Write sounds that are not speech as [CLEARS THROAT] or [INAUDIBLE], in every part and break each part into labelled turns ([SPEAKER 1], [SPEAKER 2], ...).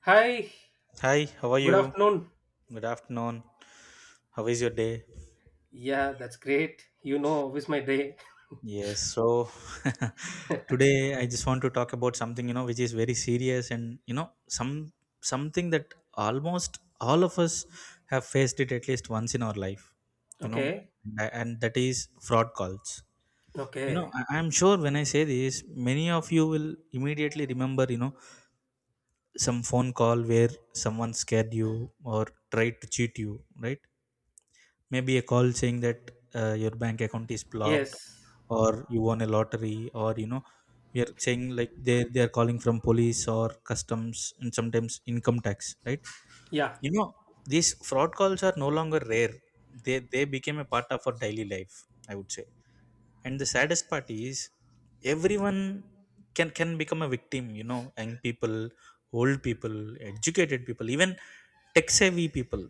[SPEAKER 1] Hi,
[SPEAKER 2] Hi, how are
[SPEAKER 1] good
[SPEAKER 2] you?
[SPEAKER 1] afternoon.
[SPEAKER 2] Good afternoon. How is your day?
[SPEAKER 1] Yeah, that's great. You know, with my day.
[SPEAKER 2] Yes, so [LAUGHS] today I just want to talk about something, which is very serious and, something that almost all of us have faced it at least once in our life, you know,
[SPEAKER 1] Okay,
[SPEAKER 2] and that is fraud calls. You
[SPEAKER 1] okay.
[SPEAKER 2] know, I, I'm sure when I say this, many of you will immediately remember, some phone call where someone scared you or tried to cheat you, right? Maybe a call saying that your bank account is blocked,
[SPEAKER 1] Yes,
[SPEAKER 2] or you won a lottery, or we are saying like they are calling from police or customs, and sometimes income tax, right?
[SPEAKER 1] yeah,
[SPEAKER 2] you know these fraud calls are no longer rare. They became a part of our daily life, I would say. And the saddest part is, everyone can become a victim. Young people, old people, educated people, even tech savvy people.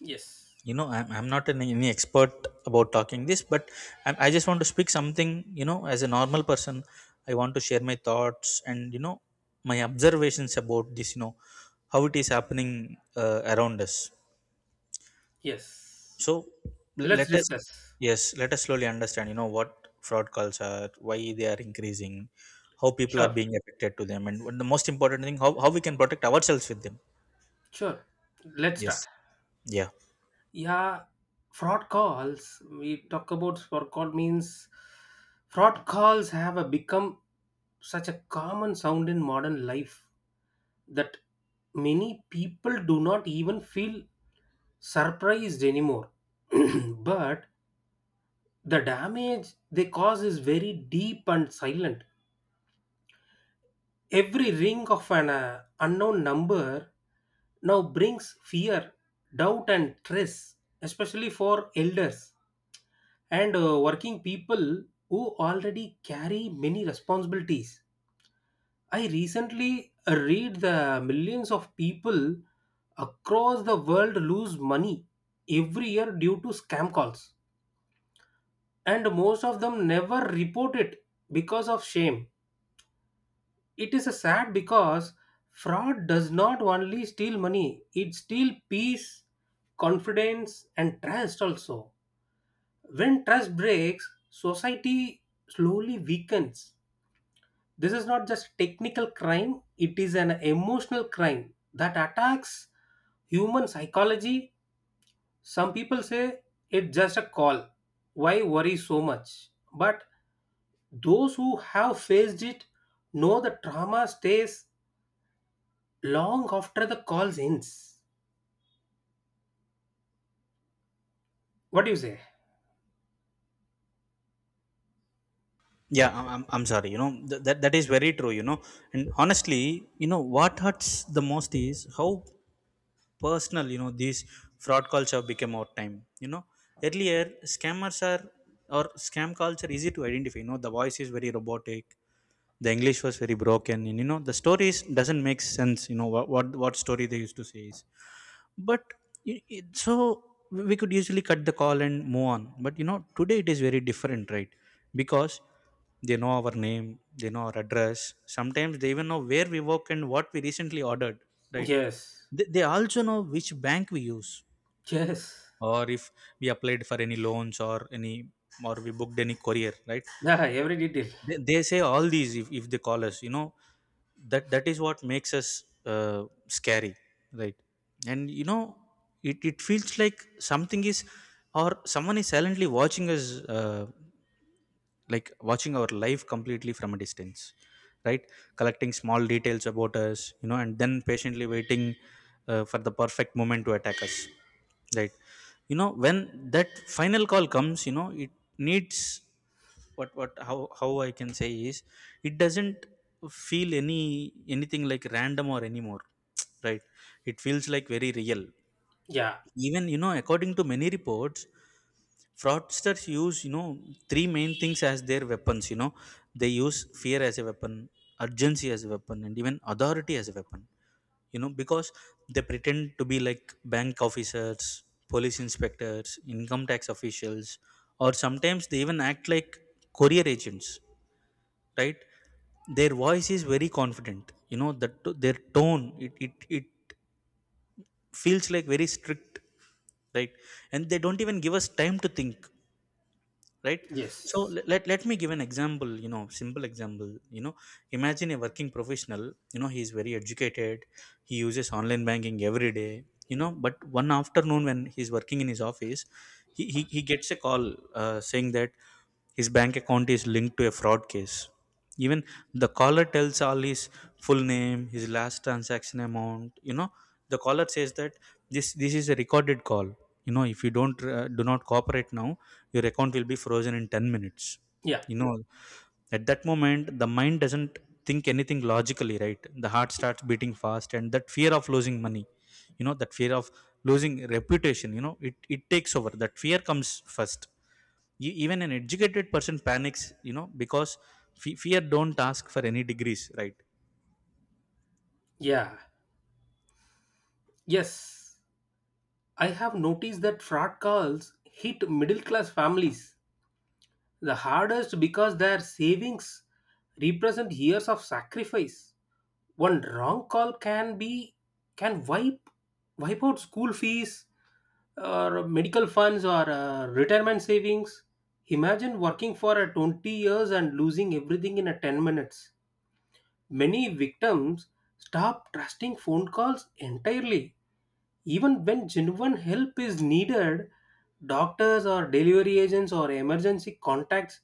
[SPEAKER 1] yes,
[SPEAKER 2] I'm not an any expert about talking this, but I just want to speak something, as a normal person. I want to share my thoughts, and my observations about this, how it is happening around us.
[SPEAKER 1] yes.
[SPEAKER 2] So l-
[SPEAKER 1] Let's
[SPEAKER 2] let us
[SPEAKER 1] discuss.
[SPEAKER 2] yes, let us slowly understand what fraud calls are, why they are increasing, how people are
[SPEAKER 1] Sure,
[SPEAKER 2] being affected to them, and the most important thing, how we can protect ourselves with them.
[SPEAKER 1] sure. Let's start.
[SPEAKER 2] Yes. Yeah.
[SPEAKER 1] Yeah, fraud calls. We talk about fraud call means fraud calls have a become such a common sound in modern life that many people do not even feel surprised anymore. [CLEARS THROAT] But the damage they cause is very deep and silent. Every ring of an unknown number now brings fear, doubt, and stress, especially for elders and working people who already carry many responsibilities. I recently read the millions of people across the world lose money every year due to scam calls, and most of them never report it because of shame. It is a sad because fraud does not only steal money, it steals peace, confidence, and trust also. When trust breaks, society slowly weakens. This is not just technical crime, it is an emotional crime that attacks human psychology. Some people say it's just a call. Why worry so much? But those who have faced it know the trauma stays long after the calls ends. What do you say?
[SPEAKER 2] Yeah, I'm sorry. That is very true. And honestly, what hurts the most is how personal, these fraud calls have become over time. Earlier, scam calls are easy to identify. You know, the voice is very robotic. The English was very broken. And, the stories doesn't make sense. You know, what story they used to say is, but so we could usually cut the call and move on. But today it is very different, right? Because they know our name, they know our address, sometimes they even know where we work and what we recently ordered, right?
[SPEAKER 1] Yes.
[SPEAKER 2] They also know which bank we use,
[SPEAKER 1] Yes.
[SPEAKER 2] or if we applied for any loans, or any or we booked any courier, right?
[SPEAKER 1] Yeah, every detail.
[SPEAKER 2] They say all these if they call us, that is what makes us scary, right? And you know, it feels like something is, or someone is silently watching us, like watching our life completely from a distance, right? Collecting small details about us, you know, and then patiently waiting for the perfect moment to attack us, right? You know, when that final call comes, you know, it needs... what how I can say is, it doesn't feel anything like random or anymore, right? It feels like very real.
[SPEAKER 1] Yeah.
[SPEAKER 2] Even, you know, according to many reports, fraudsters use, you know, three main things as their weapons. You know, they use fear as a weapon, urgency as a weapon, and even authority as a weapon. You know, because they pretend to be like bank officers, police inspectors, income tax officials, or sometimes they even act like courier agents, right? Their voice is very confident, you know, that their tone, it feels like very strict, right? And they don't even give us time to think, right? So
[SPEAKER 1] Yes.
[SPEAKER 2] let me give an example, you know, simple example. You know, imagine a working professional. You know, he is very educated, he uses online banking every day. You know, but one afternoon, when he's working in his office, he gets a call saying that his bank account is linked to a fraud case. Even the caller tells all his full name, his last transaction amount. You know, the caller says that this is a recorded call. You know, if you don't do not cooperate now, your account will be frozen in 10 minutes.
[SPEAKER 1] Yeah.
[SPEAKER 2] You know, at that moment, the mind doesn't think anything logically, right? The heart starts beating fast, and that fear of losing money, you know, that fear of losing reputation, you know, it takes over. That fear comes first. Even an educated person panics, you know, because fear don't ask for any degrees, right?
[SPEAKER 1] Yeah. Yes. I have noticed that fraud calls hit middle class families the hardest because their savings represent years of sacrifice. One wrong call can wipe out school fees, or medical funds or retirement savings. Imagine working for 20 years and losing everything in 10 minutes. Many victims stop trusting phone calls entirely. Even when genuine help is needed, doctors or delivery agents or emergency contacts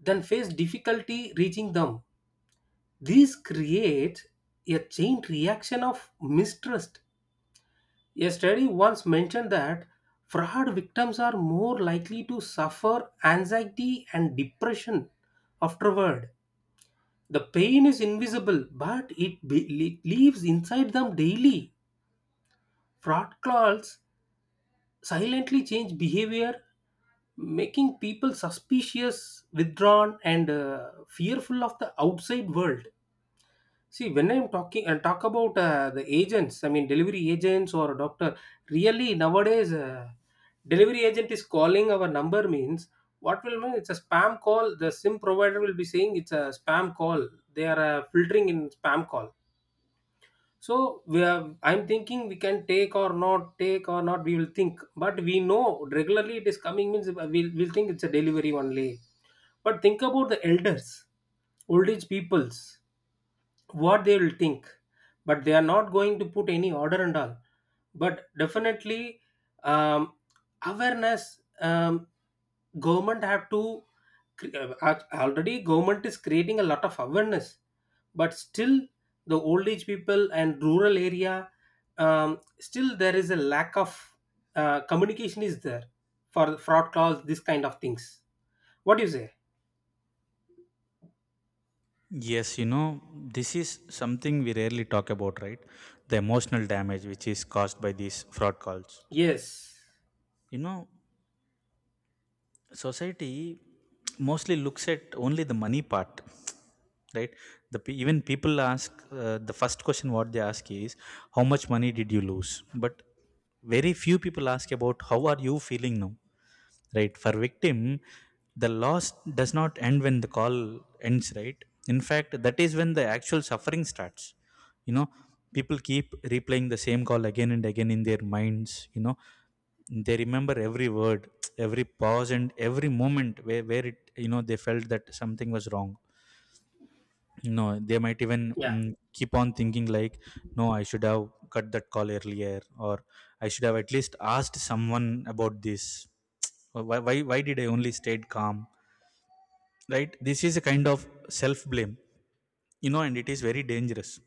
[SPEAKER 1] then face difficulty reaching them. This creates a chain reaction of mistrust. A study once mentioned that fraud victims are more likely to suffer anxiety and depression afterward. The pain is invisible, but it lives inside them daily. Fraud calls silently change behavior, making people suspicious, withdrawn, and fearful of the outside world. See, when I'm talking and talk about the agents, I mean delivery agents or doctor, really nowadays, delivery agent is calling our number means what will mean it's a spam call. The SIM provider will be saying it's a spam call. They are filtering in spam call. So we are, I'm thinking we can take or not take or not. We will think, but we know regularly it is coming means we'll think it's a delivery only. But think about the elders, old age peoples, what they will think? But they are not going to put any order and all. But definitely, um, awareness, government have to already government is creating a lot of awareness. But still, the old age people and rural area, still there is a lack of communication is there for fraud calls, this kind of things. What do you say?
[SPEAKER 2] Yes, you know, this is something we rarely talk about, right? The emotional damage which is caused by these fraud calls.
[SPEAKER 1] Yes.
[SPEAKER 2] You know, society mostly looks at only the money part, right? Even people ask the first question. What they ask is, how much money did you lose? But very few people ask about, how are you feeling now, right? For victim, the loss does not end when the call ends, right? In fact, that is when the actual suffering starts. You know, people keep replaying the same call again and again in their minds. You know, they remember every word, every pause, and every moment where it, they felt that something was wrong. No, they might even
[SPEAKER 1] Yeah.
[SPEAKER 2] keep on thinking like, no, I should have cut that call earlier, or I should have at least asked someone about this. Why did I only stayed calm? Right? This is a kind of self blame, you know, and it is very dangerous.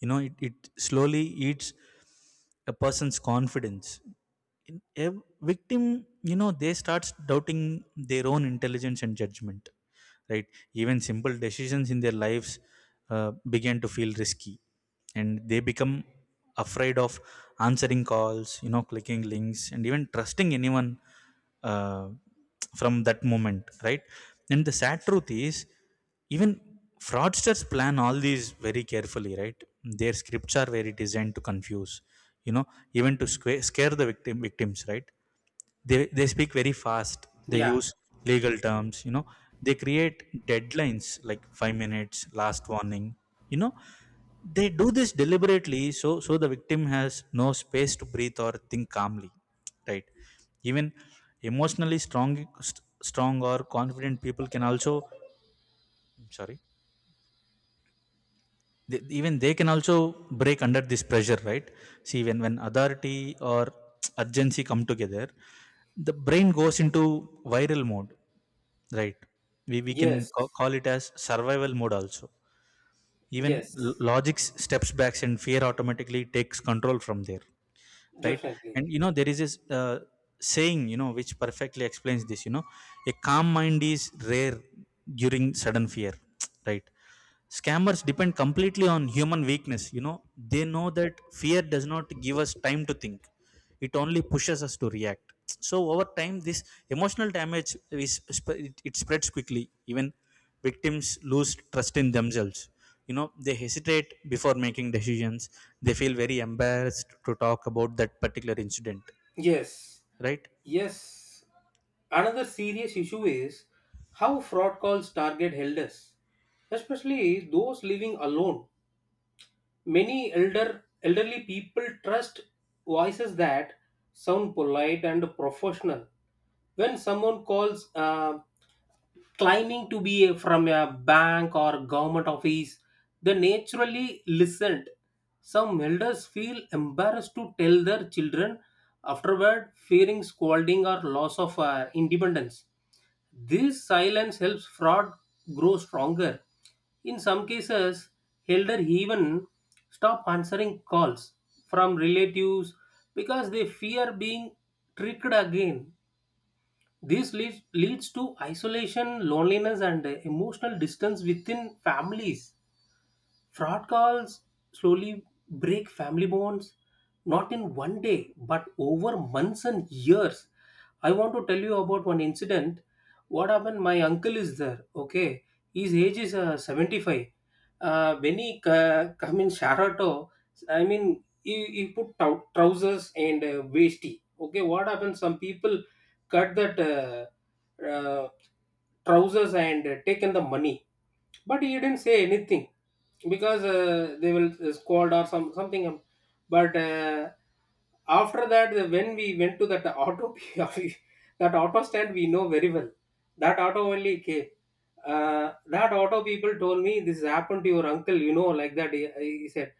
[SPEAKER 2] You know, it slowly eats a person's confidence. A victim, you know, they starts doubting their own intelligence and judgment, right? Even simple decisions in their lives began to feel risky, and they become afraid of answering calls, you know, clicking links, and even trusting anyone uh, from that moment, right? And the sad truth is, even fraudsters plan all these very carefully, right? Their scripts are very designed to confuse, you know, even to scare the victims, right? They speak very fast. They
[SPEAKER 1] Yeah.
[SPEAKER 2] use legal terms, you know, they create deadlines like 5 minutes last warning. You know, they do this deliberately, so the victim has no space to breathe or think calmly, right? Even emotionally strong, st- strong or confident people can also... I'm sorry. Even they can also break under this pressure, right? See, when authority or urgency come together, the brain goes into viral mode, right? We can
[SPEAKER 1] Yes.
[SPEAKER 2] call it as survival mode also. Even l-
[SPEAKER 1] Yes.
[SPEAKER 2] logic steps back, and fear automatically takes control from there, right? And
[SPEAKER 1] Definitely.
[SPEAKER 2] you know, there is this saying, you know, which perfectly explains this. You know, a calm mind is rare during sudden fear. [TSK] Right? Scammers depend completely on human weakness. You know, they know that fear does not give us time to think, it only pushes us to react. So, over time, this emotional damage it spreads quickly. Even victims lose trust in themselves. You know, they hesitate before making decisions, they feel very embarrassed to talk about that particular incident,
[SPEAKER 1] Yes.
[SPEAKER 2] right?
[SPEAKER 1] Yes. Another serious issue is how fraud calls target elders, especially those living alone. Many elderly people trust voices that sound polite and professional. When someone calls claiming to be from a bank or government office, they naturally listened. Some elders feel embarrassed to tell their children afterward, fearing scolding or loss of independence. This silence helps fraud grow stronger. In some cases, elder even stop answering calls from relatives because they fear being tricked again. This leads to isolation, loneliness, and emotional distance within families. Fraud calls slowly break family bonds, not in one day, but over months and years. I want to tell you about one incident. What happened? My uncle is there. Okay, his age is 75. When he come in Sharato, I mean, he put trousers and waisty. Okay, what happened? Some people cut that trousers and taken the money, but he didn't say anything because they will squad or some something But after that when we went to that auto [LAUGHS] we- that auto stand, we know very well that auto only came. That auto people told me this happened to your uncle, you know, like that he said.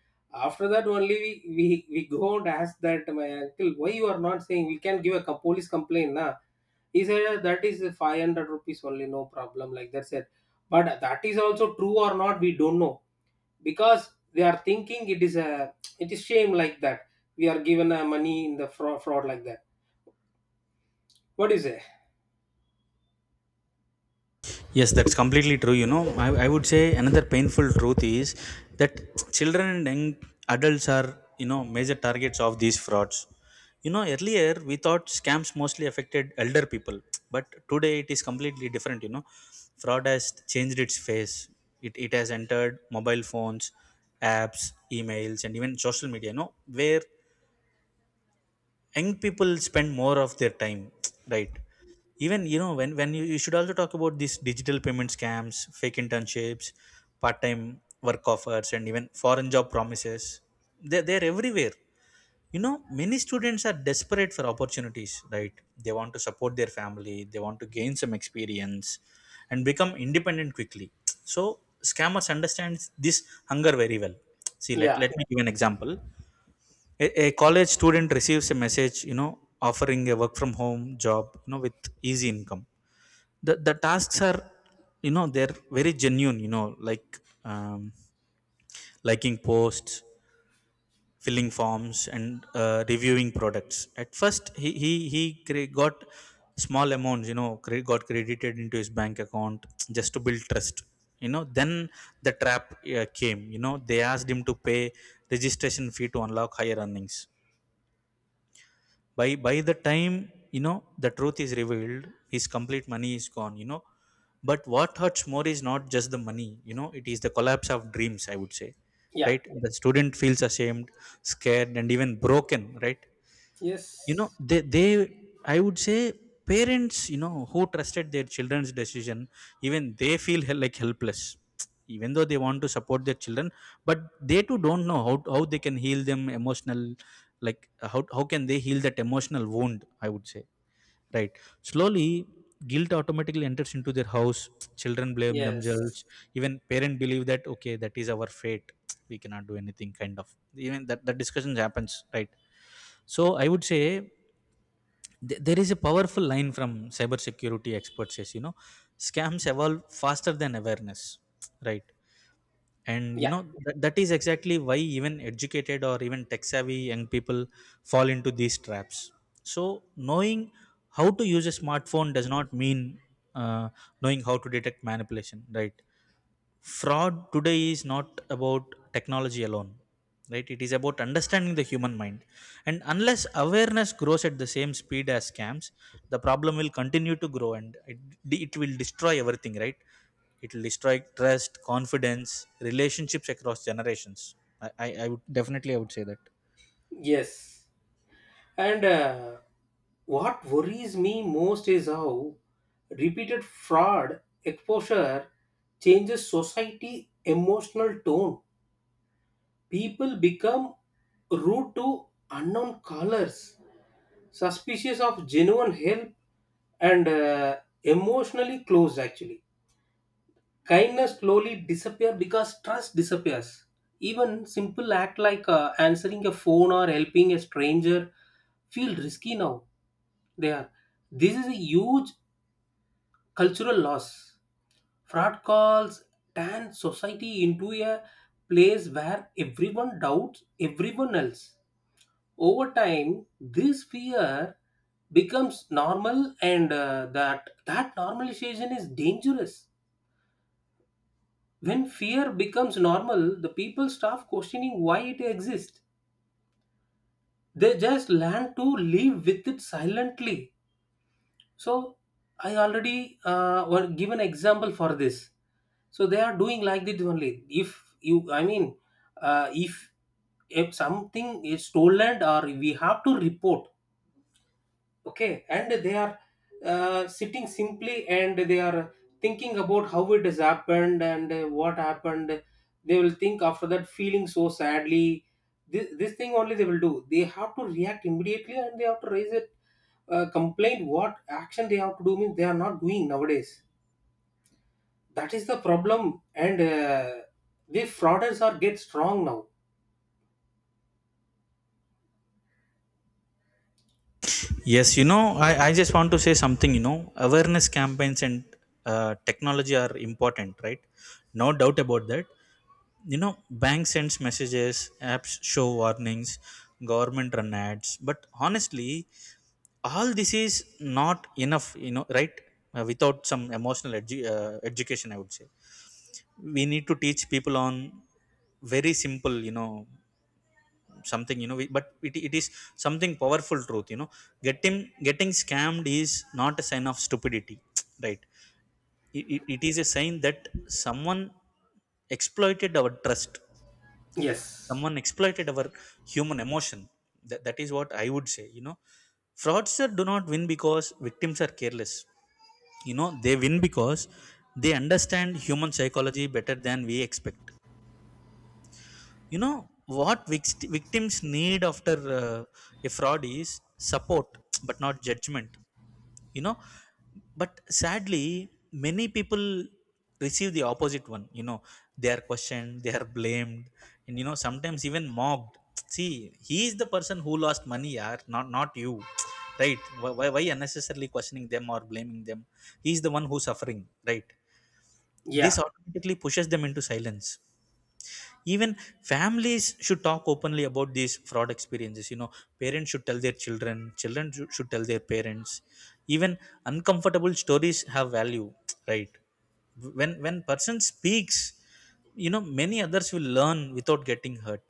[SPEAKER 1] After that only, we go and ask that my uncle, why you are not saying, we can give a police complaint na. He said, "That is ₹500 only, no problem," like that said. But that is also true or not, we don't know, because they are thinking it is a, it is shame like that, we are given a money in the fraud like that. What is it?
[SPEAKER 2] Yes, that's completely true. You know, I would say another painful truth is that children and young adults are, you know, major targets of these frauds. You know, earlier we thought scams mostly affected elder people, but today it is completely different. You know, fraud has changed its face. It has entered mobile phones, apps, emails, and even social media, you know, where young people spend more of their time. [TSK] Right? Even, you know, when you should also talk about these digital payment scams, fake internships, part-time work offers, and even foreign job promises. They're everywhere. You know, many students are desperate for opportunities, right? They want to support their family, they want to gain some experience and become independent quickly. So scammers understand this hunger very well. See, let,
[SPEAKER 1] Yeah.
[SPEAKER 2] let me give an example. A college student receives a message, you know, offering a work from home job, you know, with easy income. The tasks are, you know, they're very genuine, you know, like um, liking posts, filling forms, and reviewing products. At first, he got small amounts, you know, got credited into his bank account, just to build trust. You know, then the trap came. You know, they asked him to pay registration fee to unlock higher earnings. By the time, you know, the truth is revealed, his complete money is gone. You know, but what hurts more is not just the money, you know, it is the collapse of dreams, I would say,
[SPEAKER 1] Yeah.
[SPEAKER 2] right? The student feels ashamed, scared, and even broken, right? You know,
[SPEAKER 1] Yes.
[SPEAKER 2] they, I would say, parents, you know, who trusted their children's decision, even they feel like helpless, even though they want to support their children. But they too don't know how they can heal them emotional, like how can they heal That emotional wound, I would say, right? Slowly, guilt automatically enters into their house. Children blame themselves.
[SPEAKER 1] Yes.
[SPEAKER 2] Even parent believe that okay, that is our fate, we cannot do anything kind of. Even that discussions happens, right? So I would say, there is a powerful line from cybersecurity experts says, you know, scams evolve faster than awareness, right? And you
[SPEAKER 1] Yeah.
[SPEAKER 2] know that is exactly why even educated or even tech savvy young people fall into these traps. So knowing how to use a smartphone does not mean, uh, knowing how to detect manipulation, right? Fraud today is not about technology alone, right? It is about understanding the human mind. And unless awareness grows at the same speed as scams, the problem will continue to grow, and it will destroy everything, right? It will destroy trust, confidence, relationships across generations. I would definitely, I would say that.
[SPEAKER 1] Yes. And what worries me most is how repeated fraud exposure changes society emotional tone. People become rude to unknown callers, suspicious of genuine help, and emotionally closed actually. Kindness slowly disappears because trust disappears. Even simple act like answering a phone or helping a stranger feel risky now. They are. This is a huge cultural loss. Fraud calls turn society into a place where everyone doubts everyone else. Over time, this fear becomes normal, and that normalization is dangerous. When fear becomes normal, the people stop questioning why it exists. They just learn to live with it silently. So I already give an example for this. So they are doing like this only. If you, I mean, uh, if if something is stolen or we have to report, okay, and they are sitting simply, and they are thinking about how it has happened and what happened. They will think after that, feeling so sadly. This thing only they will do. They have to react immediately and they have to raise it complaint. What action they have to do means, they are not doing nowadays. That is the problem. And the frauders are get strong now.
[SPEAKER 2] Yes, you know, I just want to say something, you know, awareness campaigns and technology are important, right? No doubt about that. You know, bank sends messages, apps show warnings, government run ads, but honestly, all this is not enough, you know, right? Without some emotional education, I would say, we need to teach people on very simple, you know, something, it is something powerful truth, you know. Getting getting scammed is not a sign of stupidity, [TSK] right? It is a sign that someone exploited our trust.
[SPEAKER 1] Yes.
[SPEAKER 2] Someone exploited our human emotion. That is what I would say, you know. Fraudsters do not win because victims are careless. You know, they win because they understand human psychology better than we expect. You know, what victims need after a fraud is support, but not judgment, you know. But sadly, many people receive the opposite one, you know. They are questioned, they are blamed, and you know, sometimes even mocked. [TSK] See, he is the person who lost money, yaar, not you. [TSK] Right? Why unnecessarily questioning them or blaming them? He is the one who suffering, right? This
[SPEAKER 1] Yeah.
[SPEAKER 2] automatically pushes them into silence. Even families should talk openly about these fraud experiences, you know. Parents should tell their children, children should tell their parents. Even uncomfortable stories have value, right? When person speaks, you know, many others will learn without getting hurt,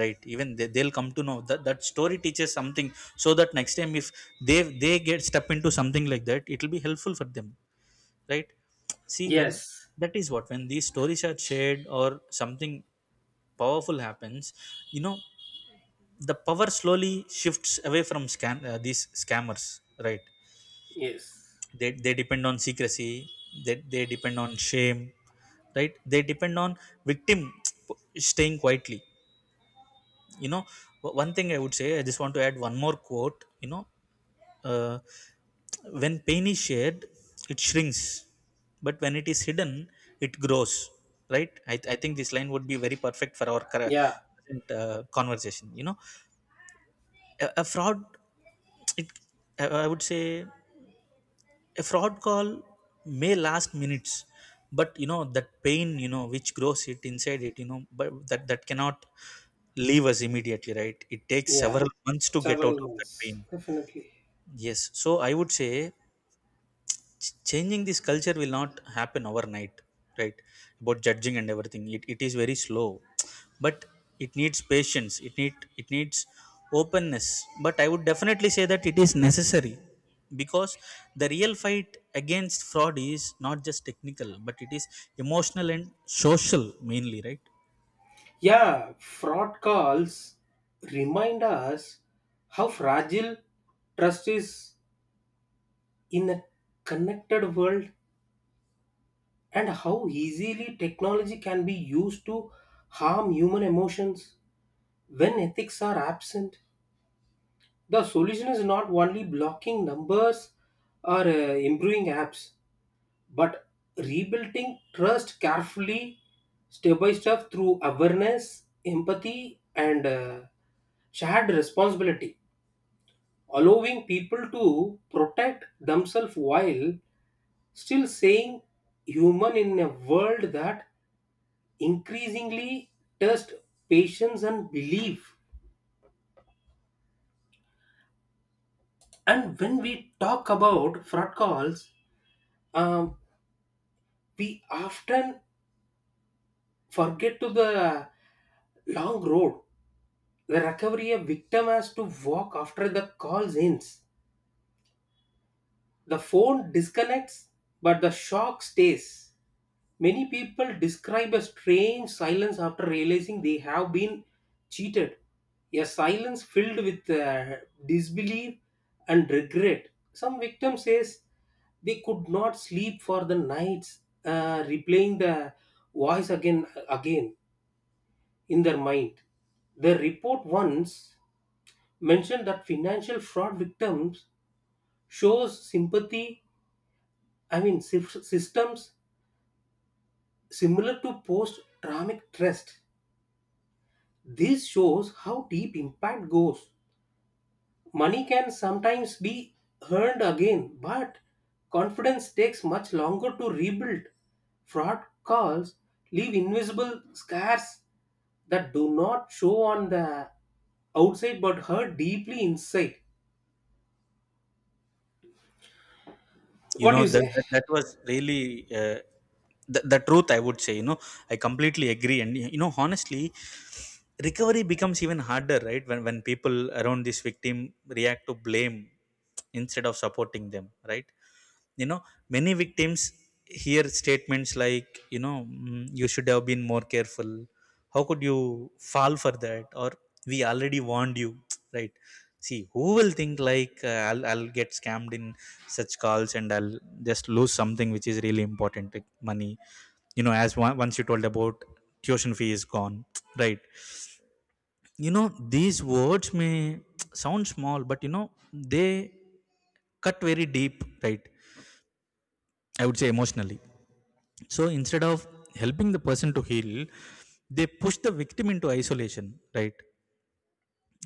[SPEAKER 2] right? Even they'll come to know that that story teaches something, so that next time if they get step into something like that, it will be helpful for them, right? See, when
[SPEAKER 1] Yes.
[SPEAKER 2] that is what when these stories are shared, or something powerful happens, you know, the power slowly shifts away from scam these scammers, right?
[SPEAKER 1] Yes.
[SPEAKER 2] They depend on secrecy. They depend on shame, right? They depend on victim [TSK] staying quietly, you know. One thing I would say, I just want to add one more quote, you know. Uh, when pain is shared, it shrinks, but when it is hidden, it grows. Right? I think this line would be very perfect for our
[SPEAKER 1] Yeah.
[SPEAKER 2] present conversation. You know, a fraud, it, I would say, a fraud call may last minutes, but you know that pain, you know, which grows it inside it, you know, but that cannot leave us immediately. Right? It takes
[SPEAKER 1] Yeah,
[SPEAKER 2] several months to get out
[SPEAKER 1] several
[SPEAKER 2] of that
[SPEAKER 1] months,
[SPEAKER 2] pain.
[SPEAKER 1] definitely.
[SPEAKER 2] Yes. So I would say, changing this culture will not happen overnight, right? About judging and everything, it is very slow. But it needs patience, it needs openness. But I would definitely say that it is necessary, because the real fight against fraud is not just technical, but it is emotional and social, mainly, right?
[SPEAKER 1] Yeah, fraud calls remind us how fragile trust is in a connected world, and how easily technology can be used to harm human emotions when ethics are absent. The solution is not only blocking numbers or improving apps, but rebuilding trust carefully step by step through awareness, empathy, and shared responsibility, allowing people to protect themselves while still saying human in a world that increasingly tests patience and belief. And when we talk about fraud calls, um, we often forget to the long road recovery a victim has to walk after the call ends. The phone disconnects, but the shock stays. Many people describe a strange silence after realizing they have been cheated, a silence filled with disbelief and regret. Some victim says they could not sleep for the nights, replaying the voice again again in their mind. The report once mentioned that financial fraud victims shows sympathy, I mean, systems similar to post traumatic stress. This shows how deep impact goes. Money can sometimes be earned again, but confidence takes much longer to rebuild. Fraud calls leave invisible scars that do not show on the outside but hurt deeply inside.
[SPEAKER 2] You
[SPEAKER 1] What do
[SPEAKER 2] know
[SPEAKER 1] you say?
[SPEAKER 2] that was really, uh, the truth, I would say, you know, I completely agree. And you know, honestly, recovery becomes even harder, right, when people around this victim react to blame instead of supporting them, right? You know, many victims hear statements like, you know, "Mm, you should have been more careful. How could you fall for that?" Or, "We already warned you." [TSK] Right? See, who will think like, I'll get scammed in such calls, and I'll just lose something which is really important, like money." You know, as once you told about tuition fee is gone. [TSK] Right? You know, these words may [TSK] sound small, but you know they cut very deep, right? I would say emotionally. So instead of helping the person to heal, they push the victim into isolation, right?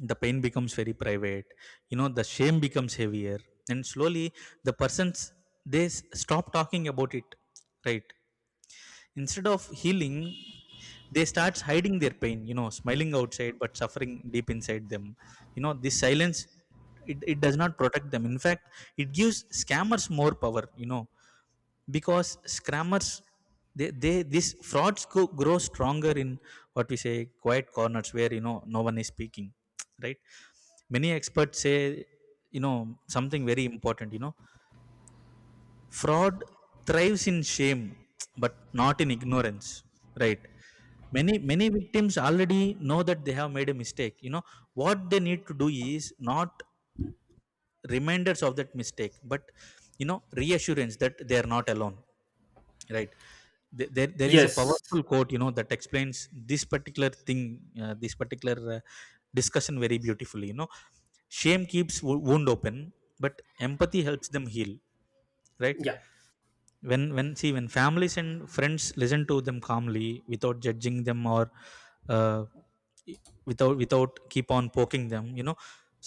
[SPEAKER 2] The pain becomes very private, you know. The shame becomes heavier, and slowly, the persons, they stop talking about it, right? Instead of healing, they start hiding their pain, you know, smiling outside but suffering deep inside them. You know, this silence, it does not protect them. In fact, it gives scammers more power, you know, because scammers, they, this frauds grow stronger in what we say quiet corners, where you know no one is speaking, right? Many experts say, you know, something very important, you know. Fraud thrives in shame, but not in ignorance, right? Many many victims already know that they have made a mistake, you know. What they need to do is not reminders of that mistake, but you know, reassurance that they are not alone, right? There is a
[SPEAKER 1] Yes.
[SPEAKER 2] powerful quote, you know, that explains this particular thing, this particular discussion very beautifully, you know. Shame keeps wound open, but empathy helps them heal, right?
[SPEAKER 1] Yeah.
[SPEAKER 2] When families and friends listen to them calmly without judging them, or uh, without keep on poking them, you know,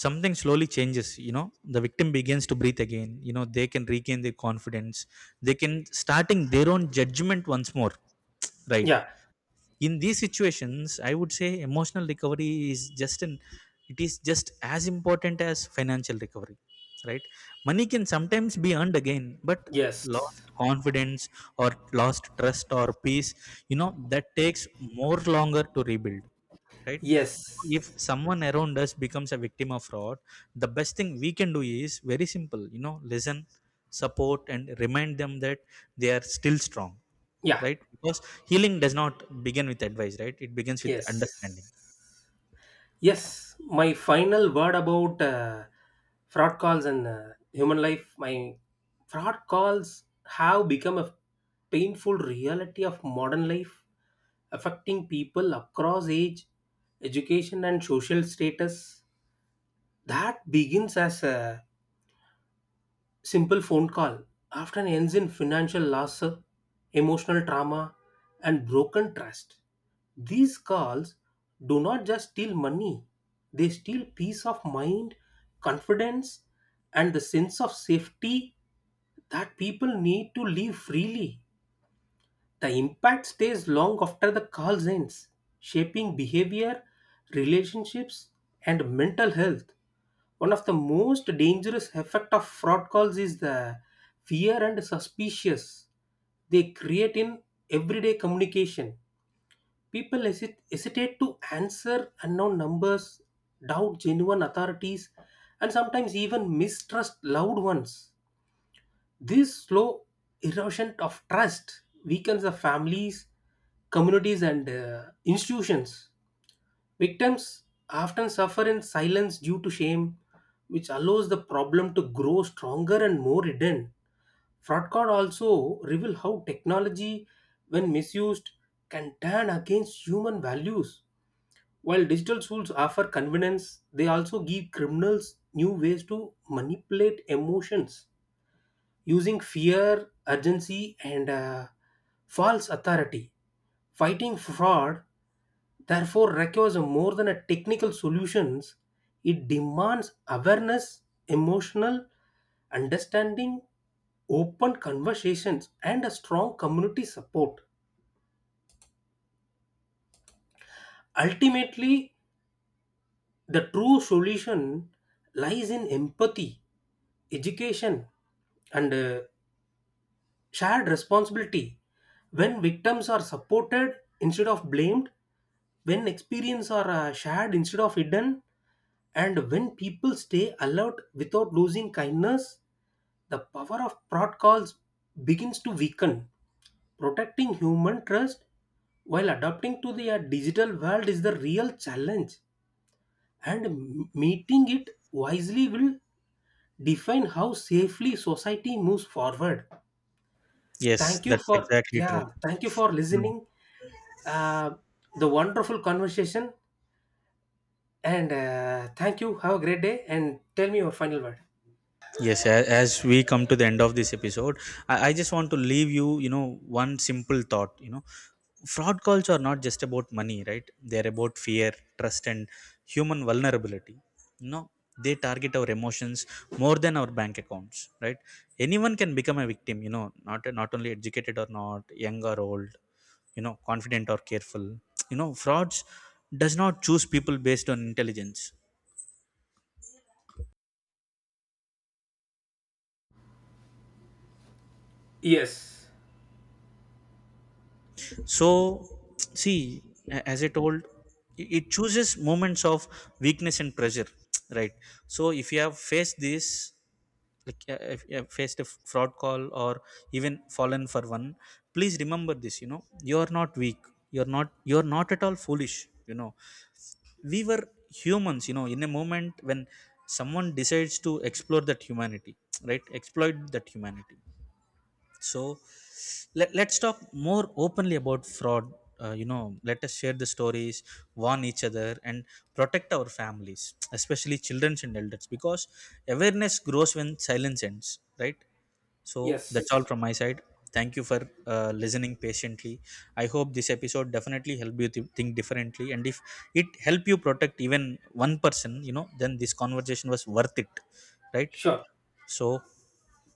[SPEAKER 2] something slowly changes. You know, the victim begins to breathe again. You know, they can regain their confidence, they can starting their own judgment once more, right?
[SPEAKER 1] Yeah.
[SPEAKER 2] In these situations, I would say emotional recovery is just an it is just as important as financial recovery, right? Money can sometimes be earned again, but
[SPEAKER 1] Yes.
[SPEAKER 2] lost confidence, or lost trust or peace, you know, that takes more longer to rebuild, right? So if
[SPEAKER 1] Yes.
[SPEAKER 2] someone around us becomes a victim of fraud, the best thing we can do is very simple, you know: listen, support, and remind them that they are still strong,
[SPEAKER 1] Yeah.
[SPEAKER 2] right? Because healing does not begin with advice, right? It begins with understanding.
[SPEAKER 1] Yes. Yes. My final word about fraud calls and human life. My fraud calls have become a painful reality of modern life, affecting people across age, education, and social status. That begins as a simple phone call often ends in financial loss, emotional trauma, and broken trust. These calls do not just steal money, they steal peace of mind, confidence, and the sense of safety that people need to live freely. The impact stays long after the calls ends, shaping behavior, relationships, and mental health. One of the most dangerous effect of fraud calls is the fear and suspicious they create in everyday communication. People hesitate to answer unknown numbers, doubt genuine authorities, and sometimes even mistrust loved ones. This slow erosion of trust weakens the families, communities, and institutions. Victims often suffer in silence due to shame, which allows the problem to grow stronger and more hidden. Fraud card also reveal how technology, when misused, can turn against human values. While digital tools offer convenience, they also give criminals new ways to manipulate emotions using fear, urgency, and false authority. Fighting fraud, therefore, requires more than a technical solutions. It demands awareness, emotional understanding, open conversations, and a strong community support. Ultimately, the true solution lies in empathy, education, and shared responsibility. When victims are supported instead of blamed, when experience are shared instead of hidden, and when people stay alert without losing kindness, the power of protocols begins to weaken. Protecting human trust while adapting to the digital world is the real challenge, and meeting it wisely will define how safely society moves forward.
[SPEAKER 2] Yes,
[SPEAKER 1] Thank you
[SPEAKER 2] that's
[SPEAKER 1] for
[SPEAKER 2] exactly
[SPEAKER 1] Yeah,
[SPEAKER 2] true.
[SPEAKER 1] thank you for listening. Uh, the wonderful conversation, and thank you. Have a great day, and tell me your final word.
[SPEAKER 2] Yes, as we come to the end of this episode, I just want to leave you, you know, one simple thought. You know, fraud calls are not just about money, right? They're about fear, trust, and human vulnerability. You know, they target our emotions more than our bank accounts, right? Anyone can become a victim. You know, not only educated or not, young or old, you know, confident or careful, [TSK] you know, frauds does not choose people based on intelligence.
[SPEAKER 1] Yes,
[SPEAKER 2] So, see, as I told, it chooses moments of weakness and pressure, [TSK] right? So, if you have faced this, like, if you have faced a fraud call, or even fallen for one, please remember this. You know, you are not weak. You are not at all foolish. You know, we were humans. You know, in a moment when someone decides to explore that humanity, [TSK] right? Exploit that humanity. So, let's talk more openly about fraud. You know, let us share the stories, warn each other, and protect our families, especially children and elders, because awareness grows when silence ends, right? So that's all
[SPEAKER 1] yes,
[SPEAKER 2] from my side. Thank you for listening patiently. I hope this episode definitely help you think differently, and if it help you protect even one person, you know, then this conversation was worth it, right?
[SPEAKER 1] sure.
[SPEAKER 2] So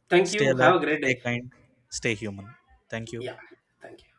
[SPEAKER 1] Thank
[SPEAKER 2] stay
[SPEAKER 1] you. Have
[SPEAKER 2] alert,
[SPEAKER 1] a great
[SPEAKER 2] stay
[SPEAKER 1] day.
[SPEAKER 2] kind, stay human. Thank you.
[SPEAKER 1] Yeah, thank you.